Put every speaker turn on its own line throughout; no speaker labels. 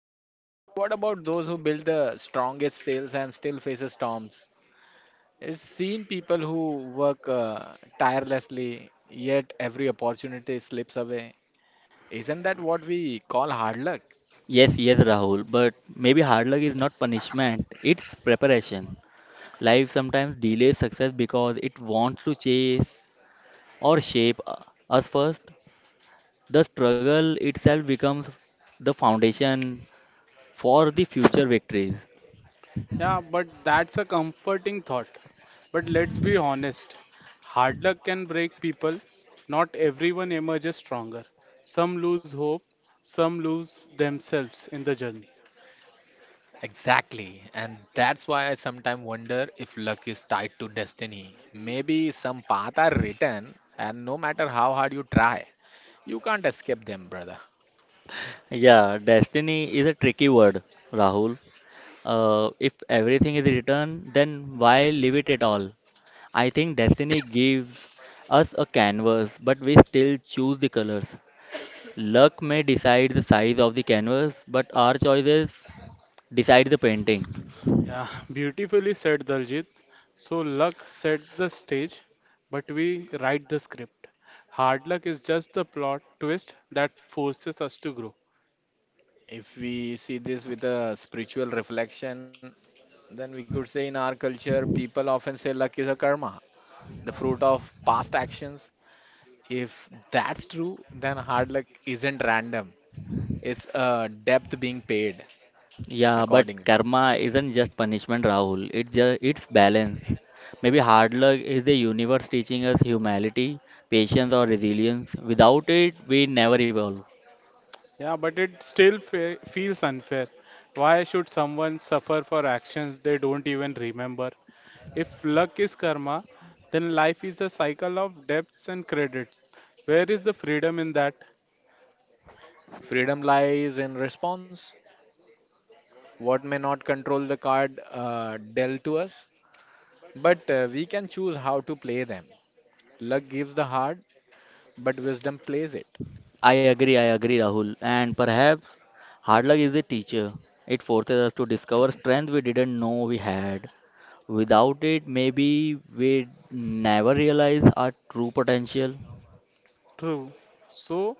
True, but what about those who build the strongest sales and still faces storms? It's seen people who work tirelessly, yet every opportunity slips away. Isn't that what we call hard luck?
Yes, yes, Rahul, but maybe hard luck is not punishment, it's preparation. Life sometimes delays success because it wants to chase or us first. The struggle itself becomes the foundation for the future victories.
Yeah, but that's a comforting thought. But let's be honest, hard luck can break people. Not everyone emerges stronger. Some lose hope, some lose themselves in the journey.
Exactly, and that's why I sometimes wonder if luck is tied to destiny. Maybe some paths are written, and no matter how hard you try, you can't escape them, brother.
Yeah, destiny is a tricky word, Rahul. If everything is written, then why leave it at all? I think destiny gives us a canvas, but we still choose the colors. Luck may decide the size of the canvas, but our choices decide the painting.
Yeah, beautifully said, Daljit. So luck sets the stage, but we write the script. Hard luck is just the plot twist that forces us to grow.
If we see this with a spiritual reflection, then we could say in our culture, people often say luck is a karma, the fruit of past actions. If that's true, then hard luck isn't random, it's a depth being paid
Yeah, but
accordingly.
karma isn't just punishment, Rahul. It's balance. Maybe hard luck is the universe teaching us humility, patience, or resilience. Without it, we never evolve.
Yeah, but it still fe feels unfair. Why should someone suffer for actions they don't even remember? If luck is karma, then life is a cycle of debts and credits. Where is the freedom in that?
Freedom lies in response. What may not control the card dealt to us, but we can choose how to play them. Luck gives the heart, but wisdom plays it.
I agree, Rahul. And perhaps hard luck is the teacher. It forces us to discover strength we didn't know we had. Without it, maybe we never realize our true potential.
True. So,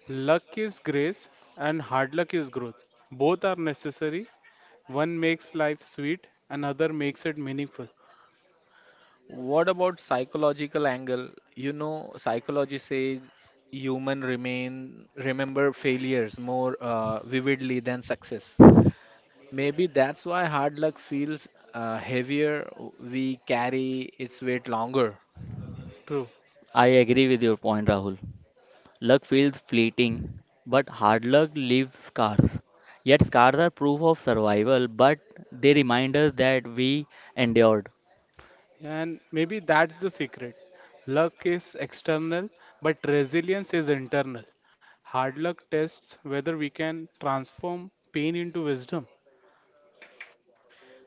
luck is grace and hard luck is growth. Both are necessary. One makes life sweet, another makes it meaningful.
What about psychological angle? You know, psychology says human remain remember failures more vividly than success. Maybe that's why hard luck feels heavier. We carry its weight longer.
True.
I agree with your point, Rahul. Luck feels fleeting, but hard luck leaves scars. Yet scars are proof of survival, but they remind us that we endured.
And maybe that's the secret. Luck is external, but resilience is internal. Hard luck tests whether we can transform pain into wisdom.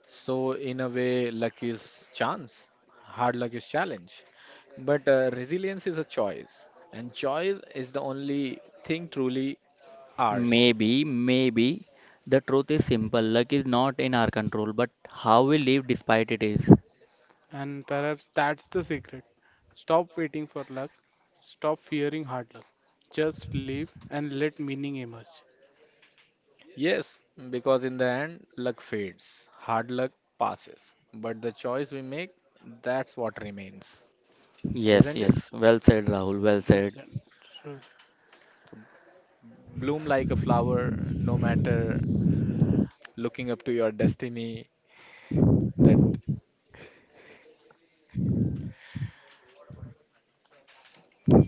So in a way, luck is chance, hard luck is challenge. But resilience is a choice, and choice is the only thing truly ours.
Maybe the truth is simple. Luck is not in our control, but how we live despite it is.
And perhaps that's the secret. Stop waiting for luck. Stop fearing hard luck. Just live and let meaning emerge.
Yes, because in the end, luck fades, hard luck passes, but the choice we make, that's what remains,
Yes,
isn't it?
yes. Well said, Rahul. Well said.
Yes, and true.
So bloom like a flower, no matter looking up to your destiny, that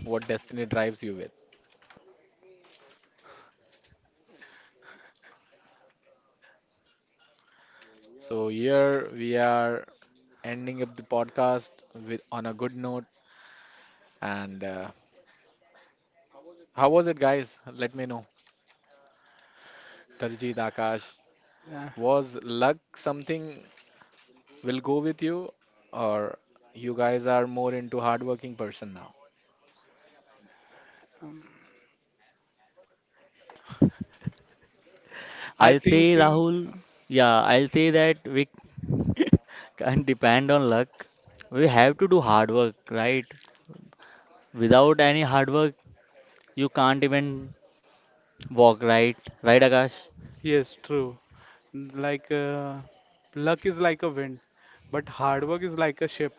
what destiny drives you with. So here we are ending up the podcast with on a good note. And How was it, guys? Let me know. Darjeet Akash,
Yeah.
was luck something? Will go with you, or you guys are more into hardworking person now?
um, I
I'll say,
thinking
Rahul, yeah, I'll say that we can't depend on luck. We have to do hard work, right? Without any hard work, you can't even walk right, right, Akash?
yes, true. Like luck is like a wind, but hard work is like a ship.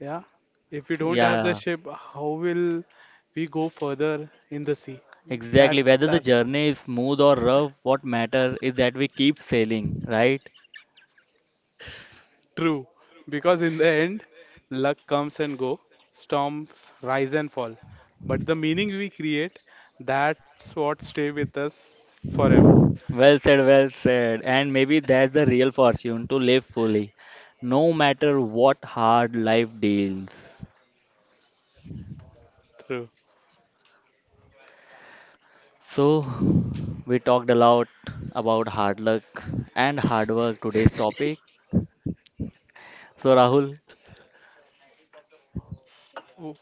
Yeah. If we don't have the
Yeah,
ship, how will we go further in the sea?
exactly.
That's
Whether the
that's
journey is smooth or rough, what matter is that we keep sailing, right?
true, because in the end, luck comes and go, storms rise and fall, but the meaning we create, that's what stay with us forever.
Well said, well said. And maybe that's the real fortune to live fully, no matter what hard life deals.
True.
So, we talked a lot about hard luck and hard work today's topic. So, Rahul,
W-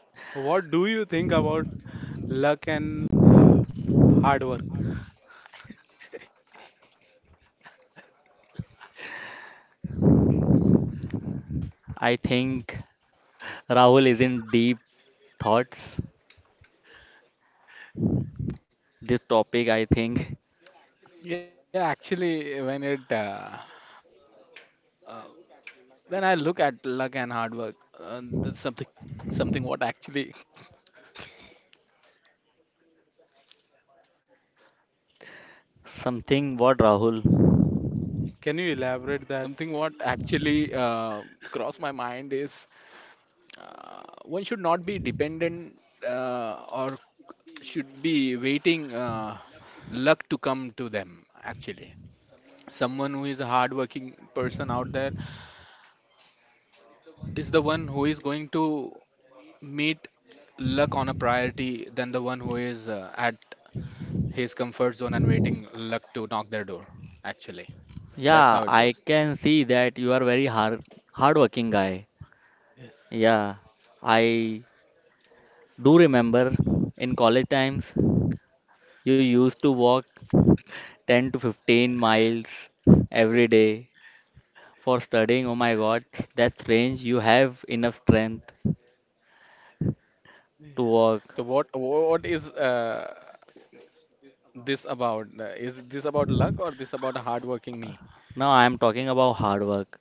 What do you think about luck and hard work?
I think Rahul is in deep thoughts. This topic, I think,
Yeah, actually, when it uh, when I look at luck and hard work, that's something what actually
something what Rahul?
Can you elaborate that?
something what actually crossed my mind is one should not be dependent or should be waiting luck to come to them, actually someone who is a hardworking person out there is the one who is going to meet luck on a priority than the one who is at his comfort zone and waiting luck to knock their door, actually
Yeah,
that's how it
I
goes.
can see that you are very hardworking guy.
Yes.
Yeah, I do remember in college times you used to walk 10 to 15 miles every day for studying. Oh my God, that's strange. You have enough strength to
Yeah.
walk.
So what is this about? Is this about luck or this about a hardworking me?
Now I am talking about hard work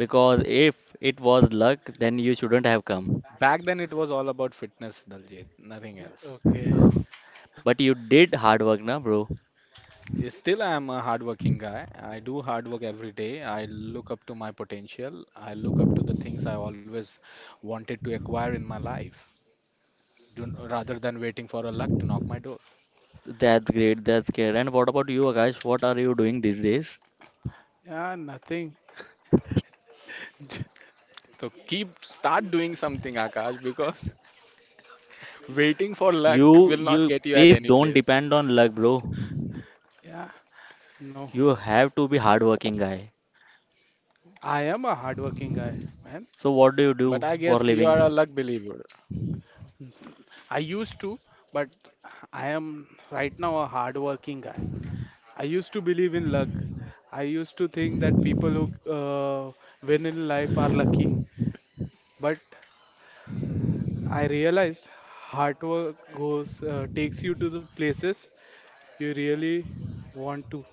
because if it was luck, then you shouldn't have come.
Back then it was all about fitness, Daljit, nothing else.
Okay.
But you did hard work, na bro?
Still, I am a hardworking guy. I do hard work every day. I look up to my potential. I look up to the things I always wanted to acquire in my life. Do, rather than waiting for a luck to knock my door.
That's great. That's great. And what about you, Akash? What are you doing these days?
Yeah, nothing. J-
So keep start doing something, Akash, because waiting for luck
You,
will not
you,
get you
please
at any
don't
place.
depend on luck, bro.
Yeah, no.
You have to be hardworking guy.
I am a hardworking guy, man.
So what do you
But
do
I
for
guess you are a
living?
luck believer.
I used to, but I am right now a hardworking guy. I used to believe in luck. I used to think that people who win in life are lucky. But I realized hard work goes takes you to the places you really want to.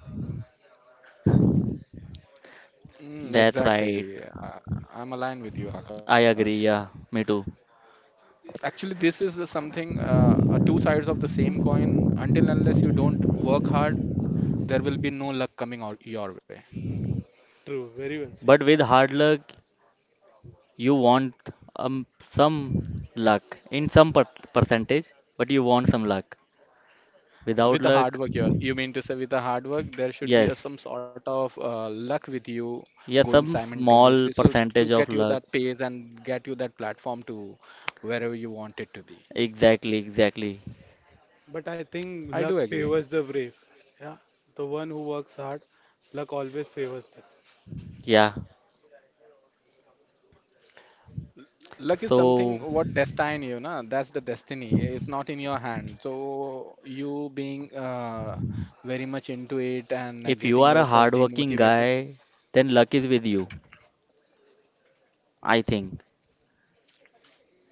Mm,
That's right.
exactly. I'm aligned with you,
I
Akash.
agree. Yeah, me too.
Actually, this is a something, a two sides of the same coin. Until unless you don't work hard, there will be no luck coming or, your way.
True, very well said.
But with hard luck, you want some luck in some percentage, but you want some luck. Without
With the
luck,
hard work, yours. You mean to say with the hard work, there should be a,
yes,
some sort of luck with you
yeah,
going
some
simultaneously.
small
So to
percentage
get
of
you
luck.
that pace and get you that platform to wherever you want it to be.
Exactly, exactly.
But I
I
think
do
luck
agree.
favors the brave. Yeah, the one who works hard, luck always favors them.
Yeah.
Luck is
So,
something what destiny, you know, that's the destiny. It's not in your hand. So you being very much into it and
if you
getting
are a
yourself
hardworking
demotivated.
guy, then luck is with you, I think.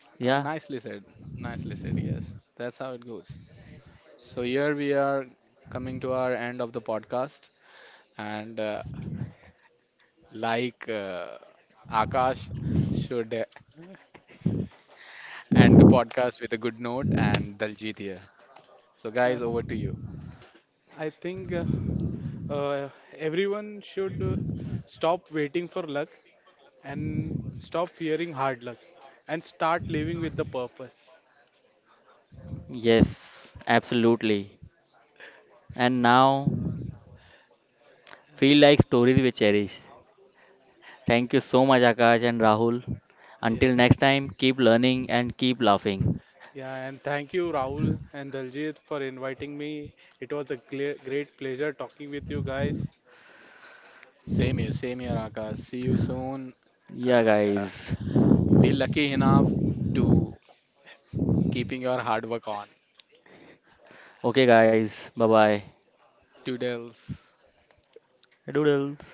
Yeah,
Nicely said. Nicely said. Yes. That's how it goes. So here we are coming to our end of the podcast, and like Akash should end the podcast with a good note, and Daljit here. So guys,
Yes,
over to you.
I think uh, everyone should stop waiting for luck and stop fearing hard luck and start living with the purpose.
yes, absolutely. And now, feel like stories we cherish. Thank you so much, Akash and Rahul.
Yeah.
Until next time, keep learning and keep laughing.
Yeah, and thank you, Rahul and Daljit, for inviting me. It was a great pleasure talking with you guys.
Same here, Akash. See you soon,
Yeah,
and
guys.
be lucky enough to keeping your hard work on.
Okay, guys. Bye bye.
Toodles.
Doodles.